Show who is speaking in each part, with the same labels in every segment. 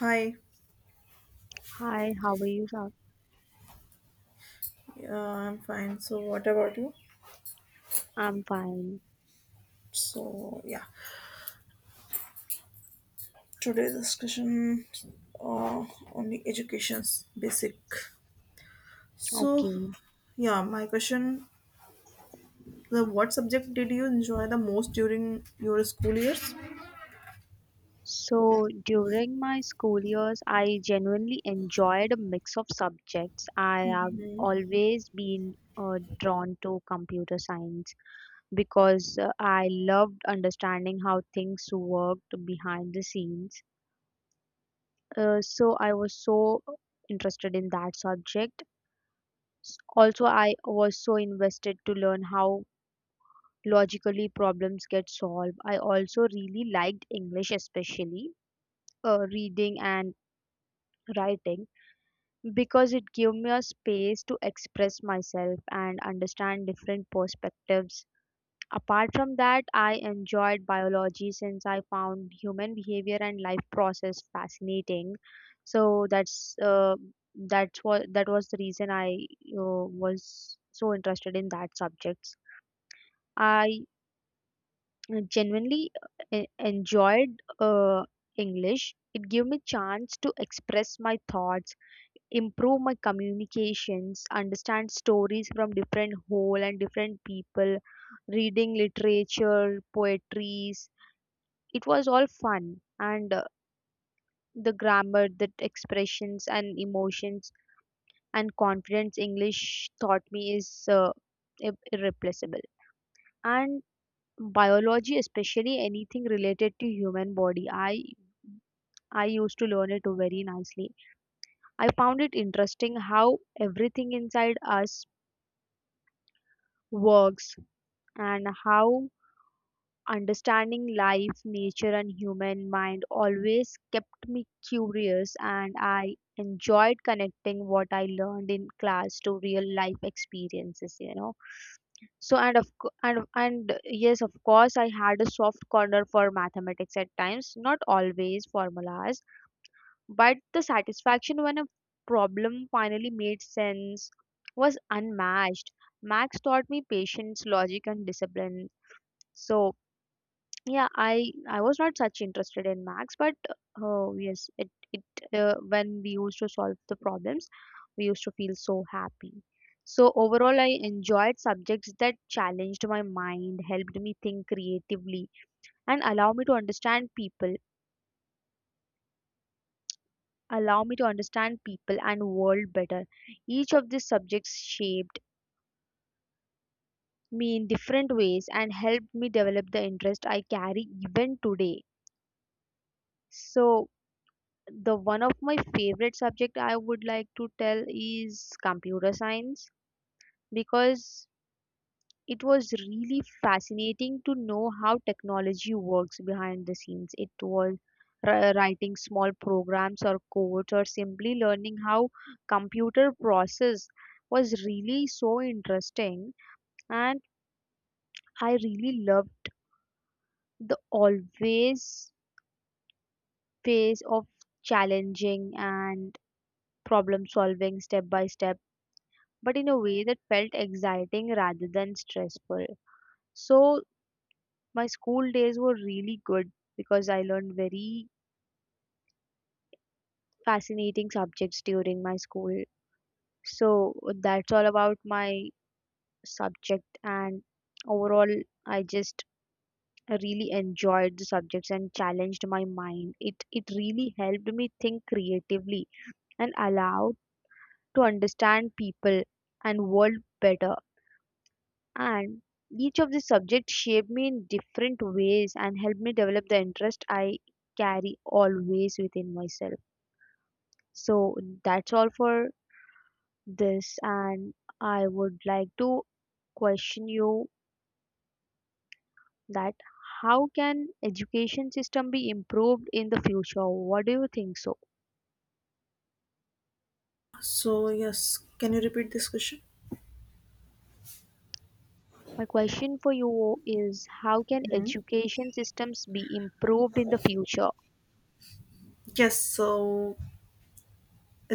Speaker 1: Hi,
Speaker 2: Hi, how are you? Sab?
Speaker 1: I'm fine. So, what about you?
Speaker 2: I'm fine.
Speaker 1: So, yeah, today's discussion uh, on the education's basic. So,
Speaker 2: Okay.
Speaker 1: yeah, my question: the What subject did you enjoy the most during your school years?
Speaker 2: So during my school years, I genuinely enjoyed a mix of subjects. I have
Speaker 1: Mhm.
Speaker 2: always been drawn to computer science because I loved understanding how things worked behind the scenes. So I was so interested in that subject. Also, I was so invested to learn how logically problems get solved. I also really liked English, especially reading and writing, because it gave me a space to express myself and understand different perspectives. Apart from that, I enjoyed biology since I found human behavior and life process fascinating. So that was the reason I was so interested in that subjects. I genuinely enjoyed English. It gave me chance to express my thoughts, improve my communications, understand stories from different whole and different people, reading literature, poetries. It was all fun and the grammar, the expressions and emotions and confidence English taught me is irreplaceable. And biology, especially anything related to human body, I used to learn it very nicely. I found it interesting how everything inside us works, and how understanding life, nature and human mind always kept me curious, and I enjoyed connecting what I learned in class to real life experiences. And yes, of course, I had a soft corner for mathematics at times, not always formulas, but the satisfaction when a problem finally made sense was unmatched. Max taught me patience, logic and discipline. So yeah, I was not such interested in max, but oh yes, it when we used to solve the problems, we used to feel so happy. So overall, I enjoyed subjects that challenged my mind, helped me think creatively, and allow me to understand people allow me to understand people and world better. Each of these subjects shaped me in different ways and helped me develop the interest I carry even today. So the one of my favorite subject I would like to tell is computer science, because it was really fascinating to know how technology works behind the scenes. It was writing small programs or codes, or simply learning how computer process was really so interesting. And I really loved the always phase of challenging and problem solving step by step, but in a way that felt exciting rather than stressful. So my school days were really good because I learned very fascinating subjects during my school. So that's all about my subject, and overall I just really enjoyed the subjects and challenged my mind. It really helped me think creatively and allowed to understand people and world better, and each of the subjects shaped me in different ways and helped me develop the interest I carry always within myself. So that's all for this, and I would like to question you that how can education system be improved in the future? What do you think so?
Speaker 1: So, yes, can you repeat this question?
Speaker 2: My question for you is, how can
Speaker 1: Mhm.
Speaker 2: education systems be improved in the future?
Speaker 1: Yes. So,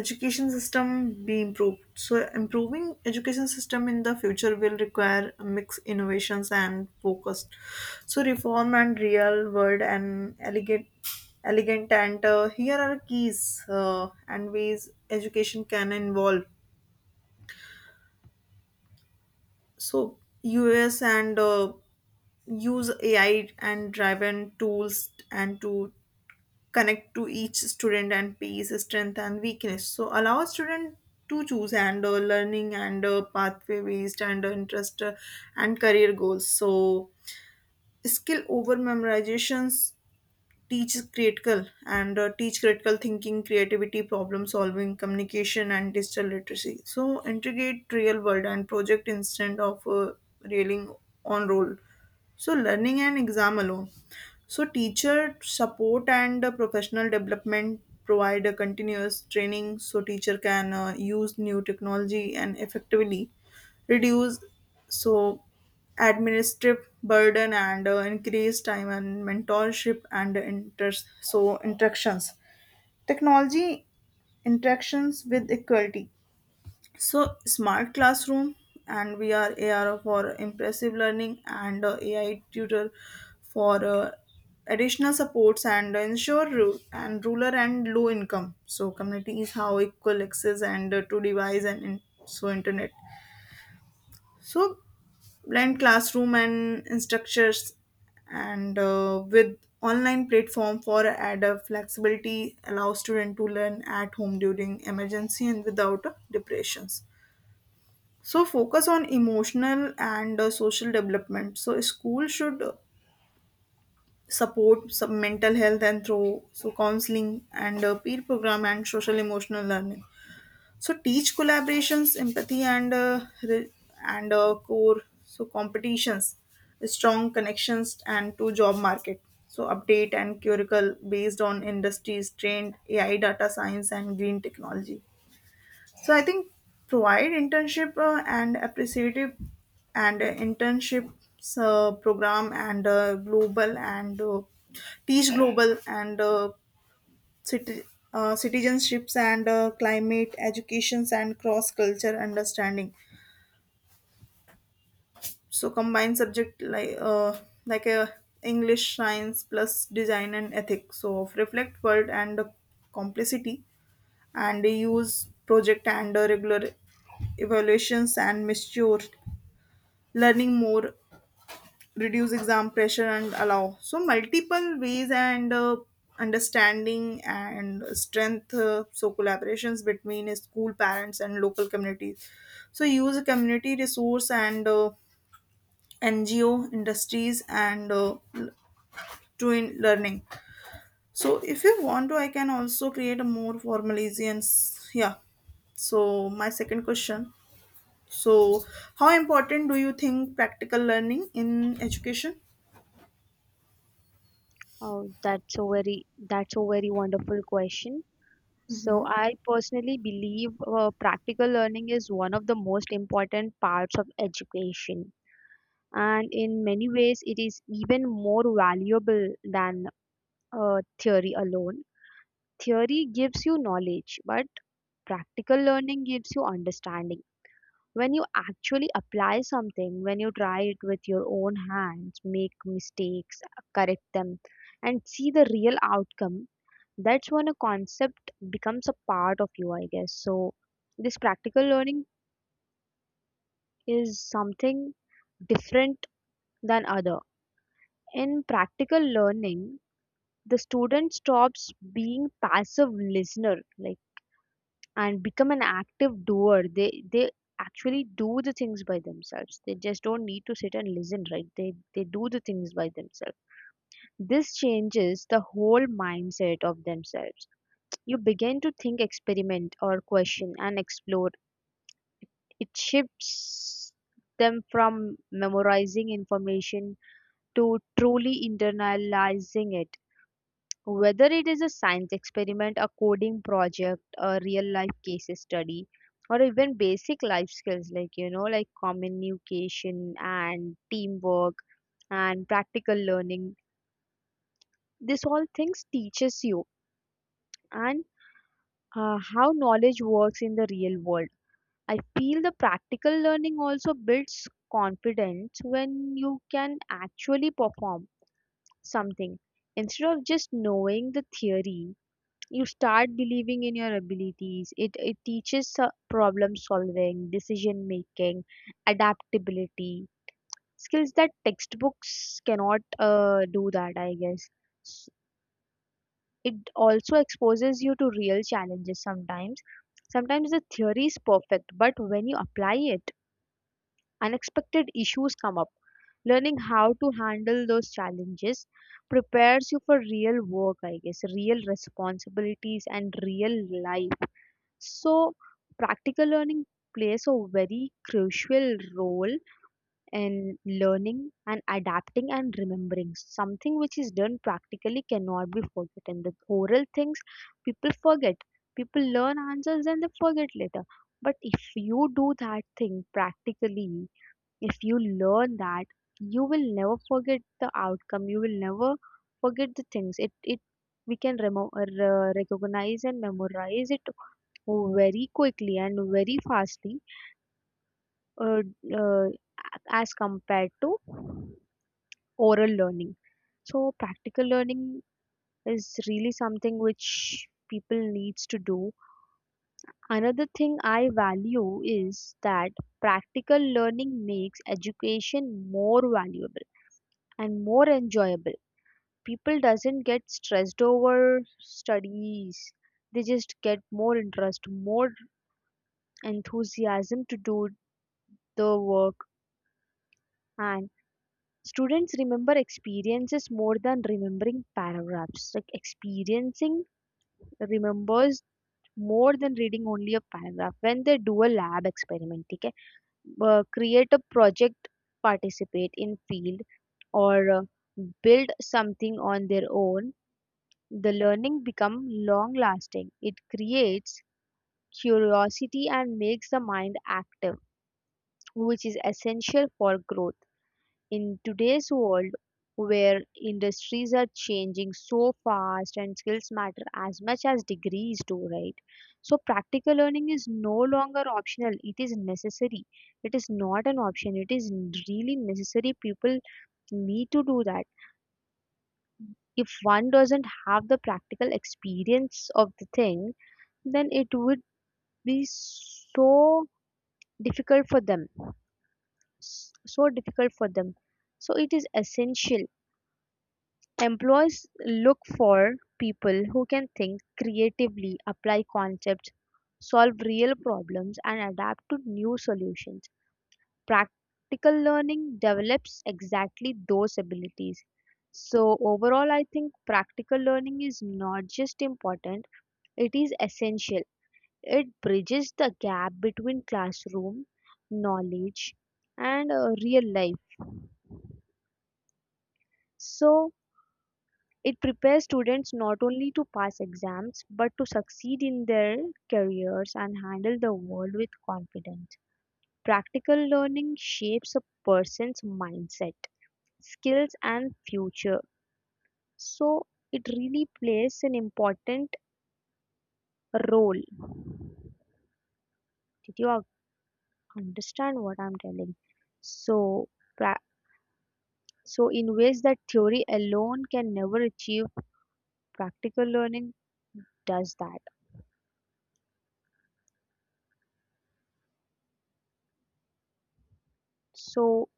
Speaker 1: education system be improved so improving education system in the future will require mixed innovations and focus so reform and real world and elegant and here are keys and ways education can involve so us and use ai and driven tools and to connect to each student and pace strength and weakness so allow a student to choose and learning and pathway based and interest and career goals so skill over memorizations teach critical and teach critical thinking creativity problem solving communication and digital literacy so integrate real world and project instead of railing on role so learning and exam alone so, teacher support and professional development provide a continuous training so teacher can use new technology and effectively reduce so administrative burden and increase time and mentorship and so interactions technology interactions with equality so, smart classroom and we are AR for impressive learning and AI tutor for additional supports and ensure and rural and low income. So, community is how equal access and to device and in, so internet. So, blend classroom and instructors and with online platform for add a flexibility allow student to learn at home during emergency and without depressions so focus on emotional and social development. So school should support some mental health and through so counseling and peer program and social emotional learning. So teach collaborations, empathy and re- and core so competitions, strong connections and to job market. So update and curricle based on industries trained AI data science and green technology. So I think provide internship and appreciative and internship program and global and teach global and citi- citizenships and climate educations and cross culture understanding. So combine subject like a English science plus design and ethics. So of reflect world and complexity and use project and regular evaluations and mature learning more reduce exam pressure and allow so multiple ways and understanding and strength so collaborations between school parents and local communities so use a community resource and ngo industries and l- to in learning so if you want to I can also create a more formalization. Yeah, so my second question. So, how important do you think practical learning in education?
Speaker 2: Oh, that's a very wonderful question. So I personally believe practical learning is one of the most important parts of education. And in many ways, it is even more valuable than theory alone. Theory gives you knowledge, but practical learning gives you understanding. When you actually apply something, when you try it with your own hands, make mistakes, correct them, and see the real outcome, that's when a concept becomes a part of you, I guess. So this practical learning is something different than other. In practical learning, the student stops being passive listener like, and become an active doer. They actually do the things by themselves, they just don't need to sit and listen, right? They do the things by themselves. This changes the whole mindset of themselves. You begin to think, experiment or question and explore. It shifts them from memorizing information to truly internalizing it. Whether it is a science experiment, a coding project, a real life case study, or even basic life skills like, you know, like communication and teamwork and practical learning, this all things teaches you and how knowledge works in the real world. I feel the practical learning also builds confidence when you can actually perform something. Instead of just knowing the theory, you start believing in your abilities. It teaches problem solving, decision making, adaptability, skills that textbooks cannot do that, I guess. S- It also exposes you to real challenges sometimes. Sometimes the theory is perfect, but when you apply it, unexpected issues come up. Learning how to handle those challenges prepares you for real work, I guess, real responsibilities and real life. So practical learning plays a very crucial role in learning and adapting and remembering. Something which is done practically cannot be forgotten. The oral things people forget. People learn answers and they forget later. But if you do that thing practically, if you learn that, you will never forget the outcome, you will never forget the things. It we can recognize and memorize it very quickly and very fastly, uh, uh, as compared to oral learning. So practical learning is really something which people needs to do. Another thing I value is that practical learning makes education more valuable and more enjoyable. People doesn't get stressed over studies, they just get more interest, more enthusiasm to do the work. And students remember experiences more than remembering paragraphs, like experiencing remembers more than reading only a paragraph. When they do a lab experiment, okay, create a project, participate in field, or build something on their own, the learning become long lasting. It creates curiosity and makes the mind active, which is essential for growth. In today's world where industries are changing so fast and skills matter as much as degrees do, right? So practical learning is no longer optional. It is necessary. It is not an option. It is really necessary. People need to do that. If one doesn't have the practical experience of the thing, then it would be difficult for them so difficult for them. So it is essential. Employees look for people who can think creatively, apply concepts, solve real problems and adapt to new solutions. Practical learning develops exactly those abilities. So overall, I think practical learning is not just important, it is essential. It bridges the gap between classroom knowledge and real life. So it prepares students not only to pass exams but to succeed in their careers and handle the world with confidence. Practical learning shapes a person's mindset, skills, and future. So it really plays an important role. Did you understand what I'm telling? So pra- So, in ways that theory alone can never achieve, practical learning does that. So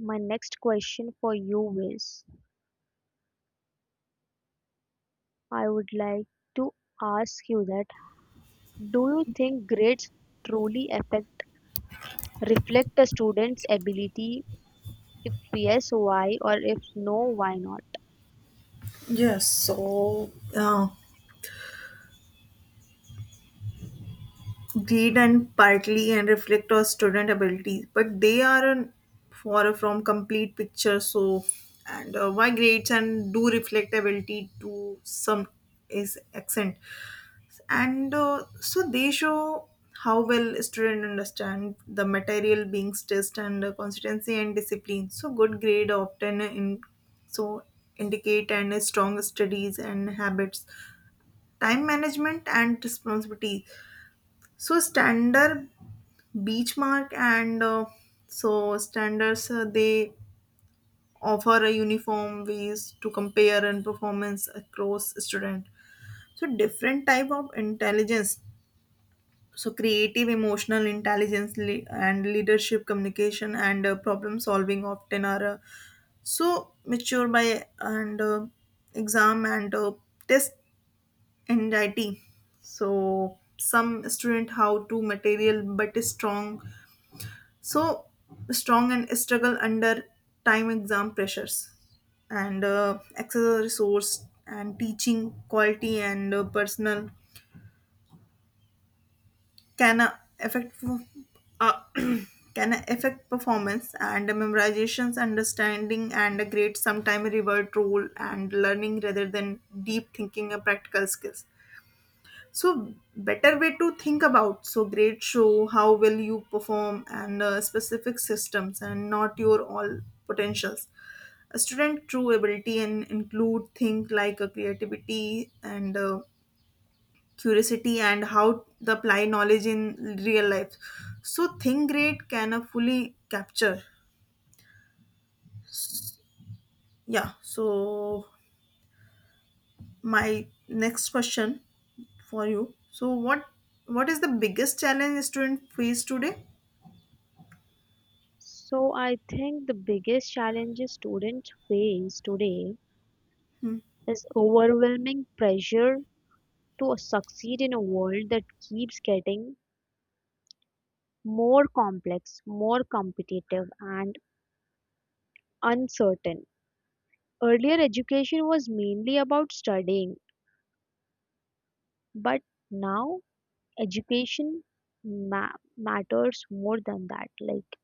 Speaker 2: my next question for you is, I would like to ask you that, do you think grades truly affect reflect a student's ability? If yes, why? Or if no, why not?
Speaker 1: Yes, so read and partly and reflect our student abilities, but they are an, far from complete picture. So, and why grades and do reflect ability to some is accent. And so they show how well students understand the material being stressed and consistency and discipline so good grade often in so indicate and strong studies and habits time management and responsibility so standard benchmark and so standards they offer a uniform ways to compare and performance across student so different type of intelligence so creative emotional intelligence and leadership communication and problem solving often are so mature by and exam and test anxiety so some student how to material but is strong so strong and struggle under time exam pressures and access resource and teaching quality and personal can affect uh, can affect performance and memorizations understanding and a great sometime revert role and learning rather than deep thinking and practical skills so better way to think about so great show how will you perform and specific systems and not your all potentials a student true ability and include think like a creativity and curiosity and how to apply knowledge in real life. So think great can fully capture. Yeah. So my next question for you. So what is the biggest challenge students face today?
Speaker 2: So I think the biggest challenges students face today is overwhelming pressure to succeed in a world that keeps getting more complex, more competitive, and uncertain. Earlier education was mainly about studying, but now education ma- matters more than that, like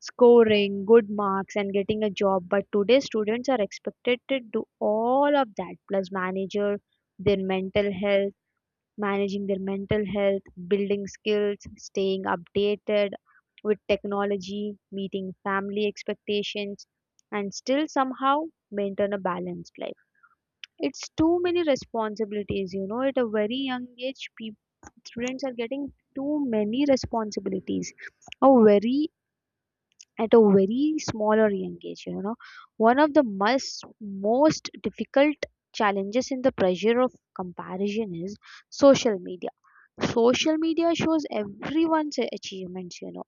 Speaker 2: scoring good marks and getting a job. But today, students are expected to do all of that, plus manager their mental health managing their mental health, building skills, staying updated with technology, meeting family expectations, and still somehow maintain a balanced life. It's too many responsibilities, you know. At a very young age, people, students are getting too many responsibilities. A very at a very smaller young age, you know. One of the most difficult challenges in the pressure of comparison is social media. Social media shows everyone's achievements, you know.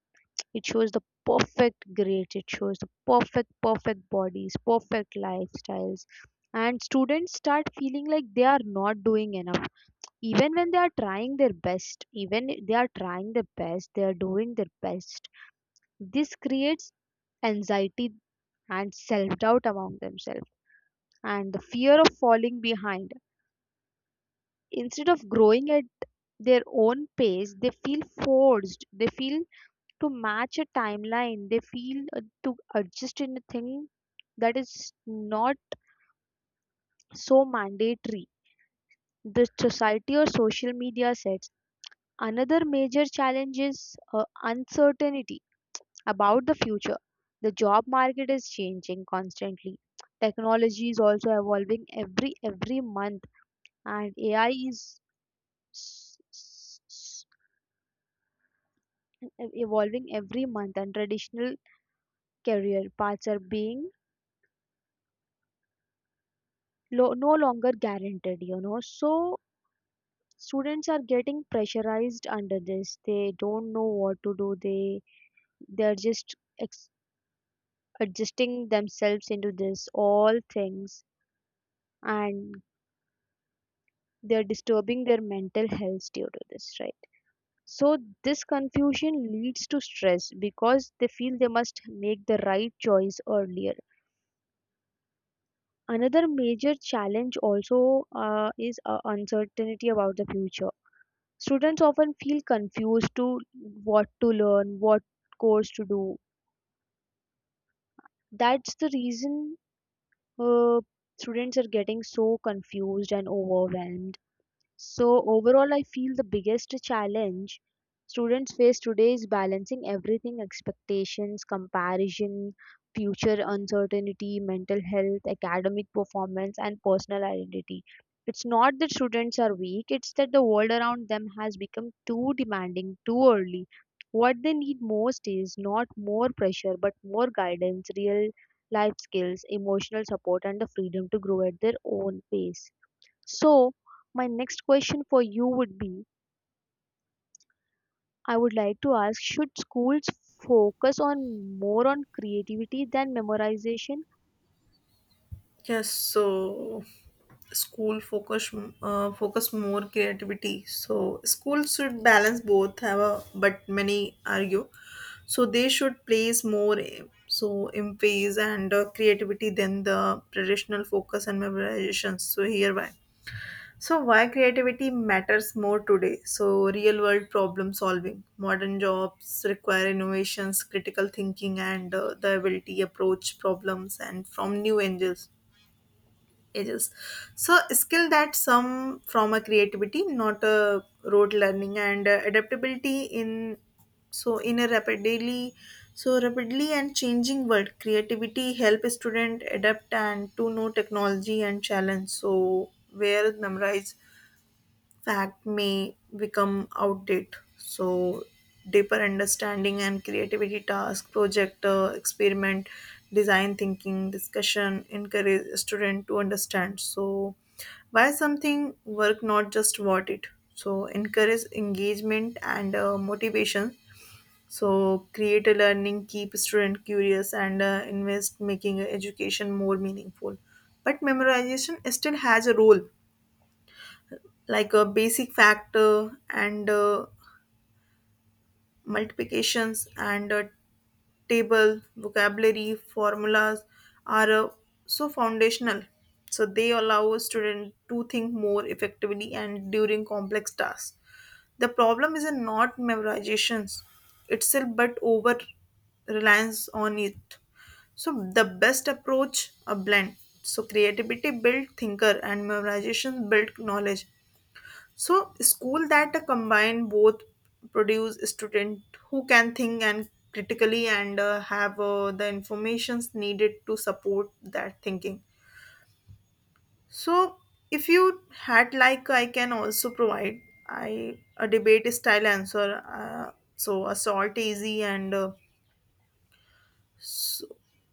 Speaker 2: It shows the perfect grades, it shows the perfect, perfect bodies, perfect lifestyles. And students start feeling like they are not doing enough. Even when they are trying their best, even if they are trying their best, they are doing their best. This creates anxiety and self doubt among themselves and the fear of falling behind. Instead of growing at their own pace, they feel forced, they feel to match a timeline. They feel to adjust in a thing that is not so mandatory. The society or social media sets. Another major challenge is uncertainty about the future. The job market is changing constantly. Technology is also evolving every month, and AI is s- s- s- evolving every month. And traditional career paths are being no longer guaranteed. So students are getting pressurized under this. They don't know what to do. They're just ex- adjusting themselves into this all things, and they're disturbing their mental health due to this, right? So this confusion leads to stress because they feel they must make the right choice earlier. Another major challenge also is uncertainty about the future. Students often feel confused to what to learn, what course to do. That's the reason uh, students are getting so confused and overwhelmed. So overall, I feel the biggest challenge students face today is balancing everything: expectations, comparison, future uncertainty, mental health, academic performance, and personal identity. It's not that students are weak, it's that the world around them has become too demanding too early. What they need most is not more pressure, but more guidance, real life skills, emotional support, and the freedom to grow at their own pace. So, my next question for you would be, I would like to ask, should schools focus on more on creativity than memorization?
Speaker 1: Yes, so school focus focus more creativity. So school should balance both. Have a but many argue, so they should place more so emphasis and creativity than the traditional focus and memorization. So hereby, so why creativity matters more today? So real world problem solving. Modern jobs require innovations, critical thinking, and the ability approach problems and from new angles ages so skill that some from a creativity not a rote learning and adaptability in so in a rapidly and changing world creativity help a student adapt and to know technology and challenge so where memorize fact may become outdated. So, deeper understanding and creativity task, project, experiment, design thinking, discussion encourage student to understand. So, why something work, not just what it. So, encourage engagement and motivation. So, create a learning, keep student curious, and invest making education more meaningful. But memorization still has a role like a basic factor and multiplications and table vocabulary formulas are so foundational so they allow a student to think more effectively and during complex tasks the problem is not memorizations itself but over reliance on it so the best approach a blend so creativity build thinker and memorization build knowledge. So, school that combine both produce student who can think and critically and have the informations needed to support that thinking. So, if you had like I can also provide I a debate style answer. So a salt easy and s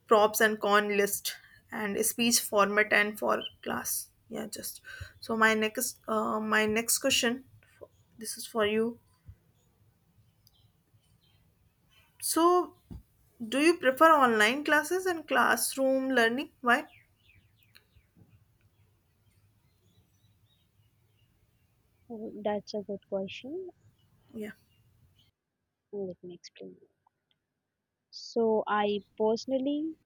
Speaker 1: props and con list and speech format and for class. Yeah, just so my next question. This is for you. So, do you prefer online classes and classroom learning? Why?
Speaker 2: Mm, that's a good question.
Speaker 1: Yeah.
Speaker 2: Let me explain. So, I personally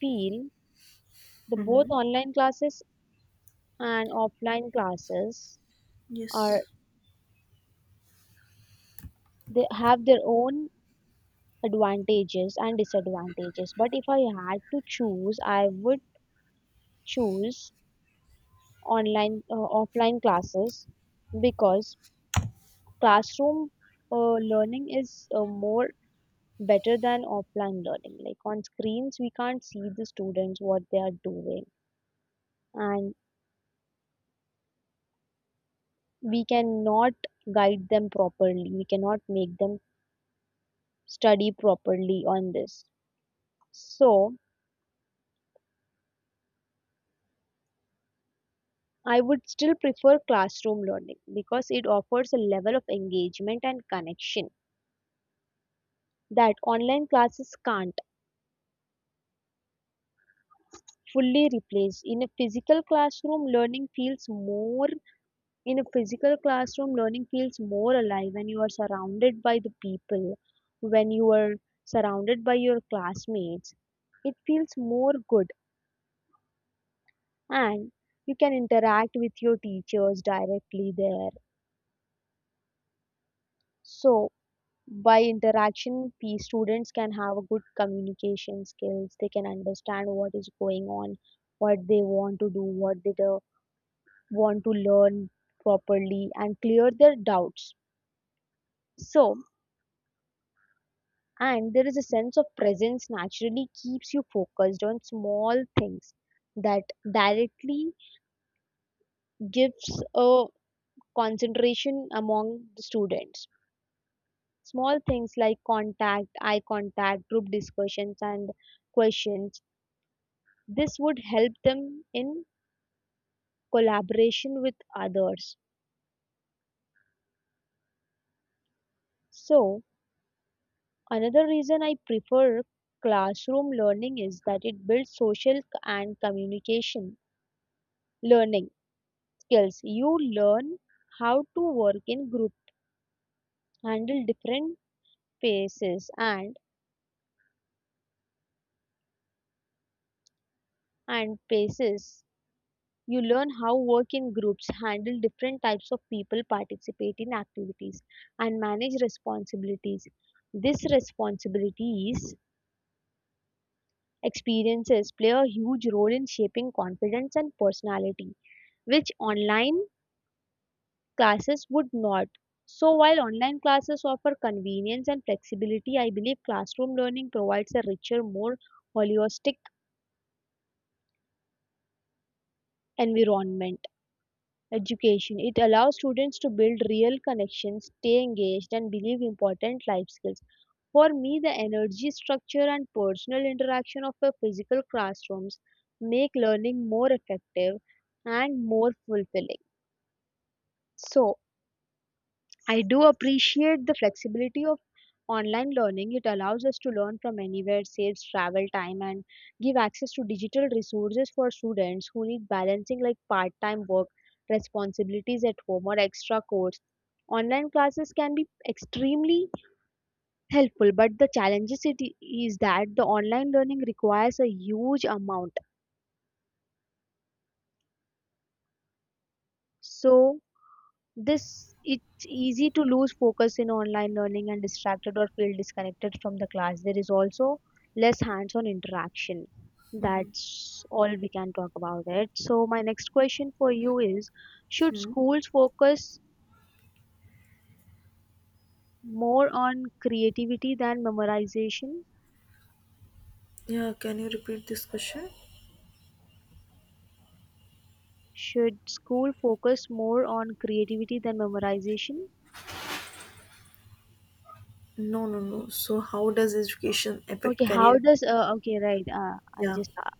Speaker 2: feel the both
Speaker 1: Mm-hmm.
Speaker 2: online classes and offline classes
Speaker 1: Yes.
Speaker 2: are, they have their own advantages and disadvantages. But if I had to choose, I would choose online offline classes because classroom learning is more better than offline learning. Like on screens, we can't see the students what they are doing, and we cannot guide them properly. We cannot make them study properly on this. So I would still prefer classroom learning because it offers a level of engagement and connection that online classes can't fully replace. In a physical classroom, learning feels more alive when you are surrounded by the people, when you are surrounded by your classmates. It feels more good, and you can interact with your teachers directly there. So, by interaction, students can have a good communication skills. They can understand what is going on, what they want to do, what they do, want to learn properly, and clear their doubts. So, and there is a sense of presence naturally keeps you focused on small things that directly gives a concentration among the students, small things like contact, eye contact, group discussions, and questions. This would help them in collaboration with others. So another reason I prefer classroom learning is that it builds social and communication learning skills. You learn how to work in group, handle different paces and paces. You learn how work in groups, handle different types of people, participate in activities, and manage responsibilities. These responsibilities experiences play a huge role in shaping confidence and personality, which online classes would not. So, while online classes offer convenience and flexibility, I believe classroom learning provides a richer, more holistic environment. Education, it allows students to build real connections, stay engaged, and believe important life skills. For me, the energy structure and personal interaction of the physical classrooms make learning more effective and more fulfilling. So, I do appreciate the flexibility. Online learning, it allows us to learn from anywhere, saves travel time and give access to digital resources for students who need balancing like part-time work, responsibilities at home or extra course. Online classes can be extremely helpful, but the challenges is that the online learning requires a huge amount. So this, it's easy to lose focus in online learning and distracted or feel disconnected from the class. There is also less hands-on interaction. That's all we can talk about it. So my next question for you is: should
Speaker 1: Hmm.
Speaker 2: schools focus more on creativity than memorization?
Speaker 1: Yeah, can you repeat this question?
Speaker 2: Should school focus more on creativity than memorization?
Speaker 1: No, no, no. So, how does education affect
Speaker 2: Okay, how
Speaker 1: career?
Speaker 2: does okay, right? I
Speaker 1: Yeah.
Speaker 2: just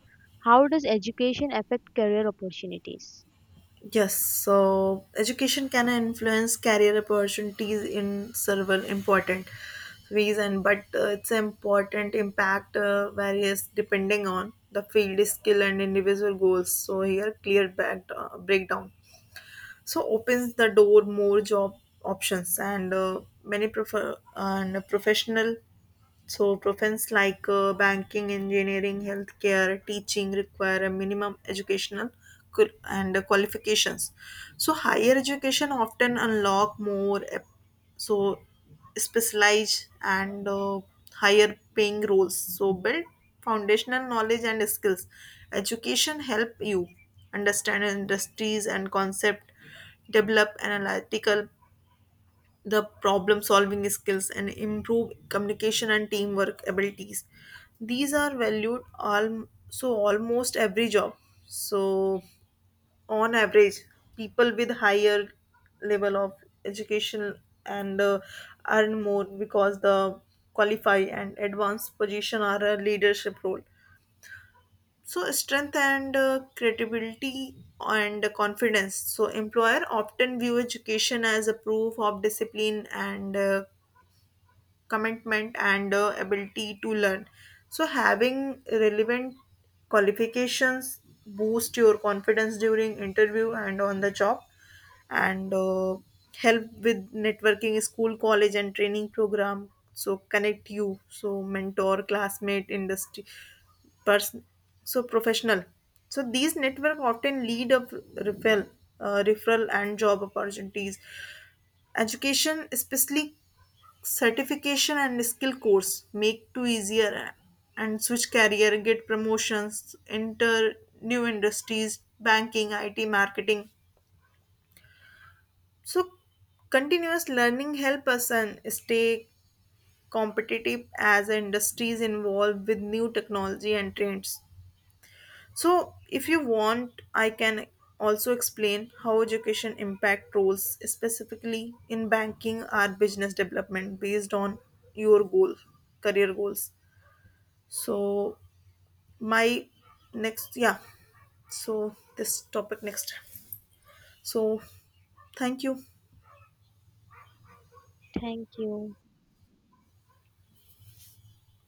Speaker 2: how does education affect career opportunities?
Speaker 1: Yes. So, education can influence career opportunities in several important ways, and but its important impact varies depending on the field, skill, and individual goals. So, here clear back, breakdown. So opens the door more job options and many prefer and professional so, professions like banking, engineering, healthcare, teaching require a minimum educational and qualifications. So, higher education often unlock more so specialized and higher paying roles. So, build foundational knowledge and skills. Education help you understand industries and concept, develop analytical the problem solving skills and improve communication and teamwork abilities these are valued so almost every job so on average people with higher level of education and earn more because the qualify and advanced position are a leadership role so strength and credibility and confidence so employer often view education as a proof of discipline and commitment and ability to learn so having relevant qualifications boost your confidence during interview and on the job and help with networking school college and training program so connect you so mentor classmate industry person so professional so these network often lead of referral referral and job opportunities education especially certification and skill course make to easier and switch career get promotions enter new industries banking it marketing so continuous learning help us and stay competitive as industries involved with new technology and trends. So, if you want, I can also explain how education impact roles specifically in banking or business development based on your goal, career goals. So, my next, yeah, so this topic next. So, thank you.
Speaker 2: Thank you.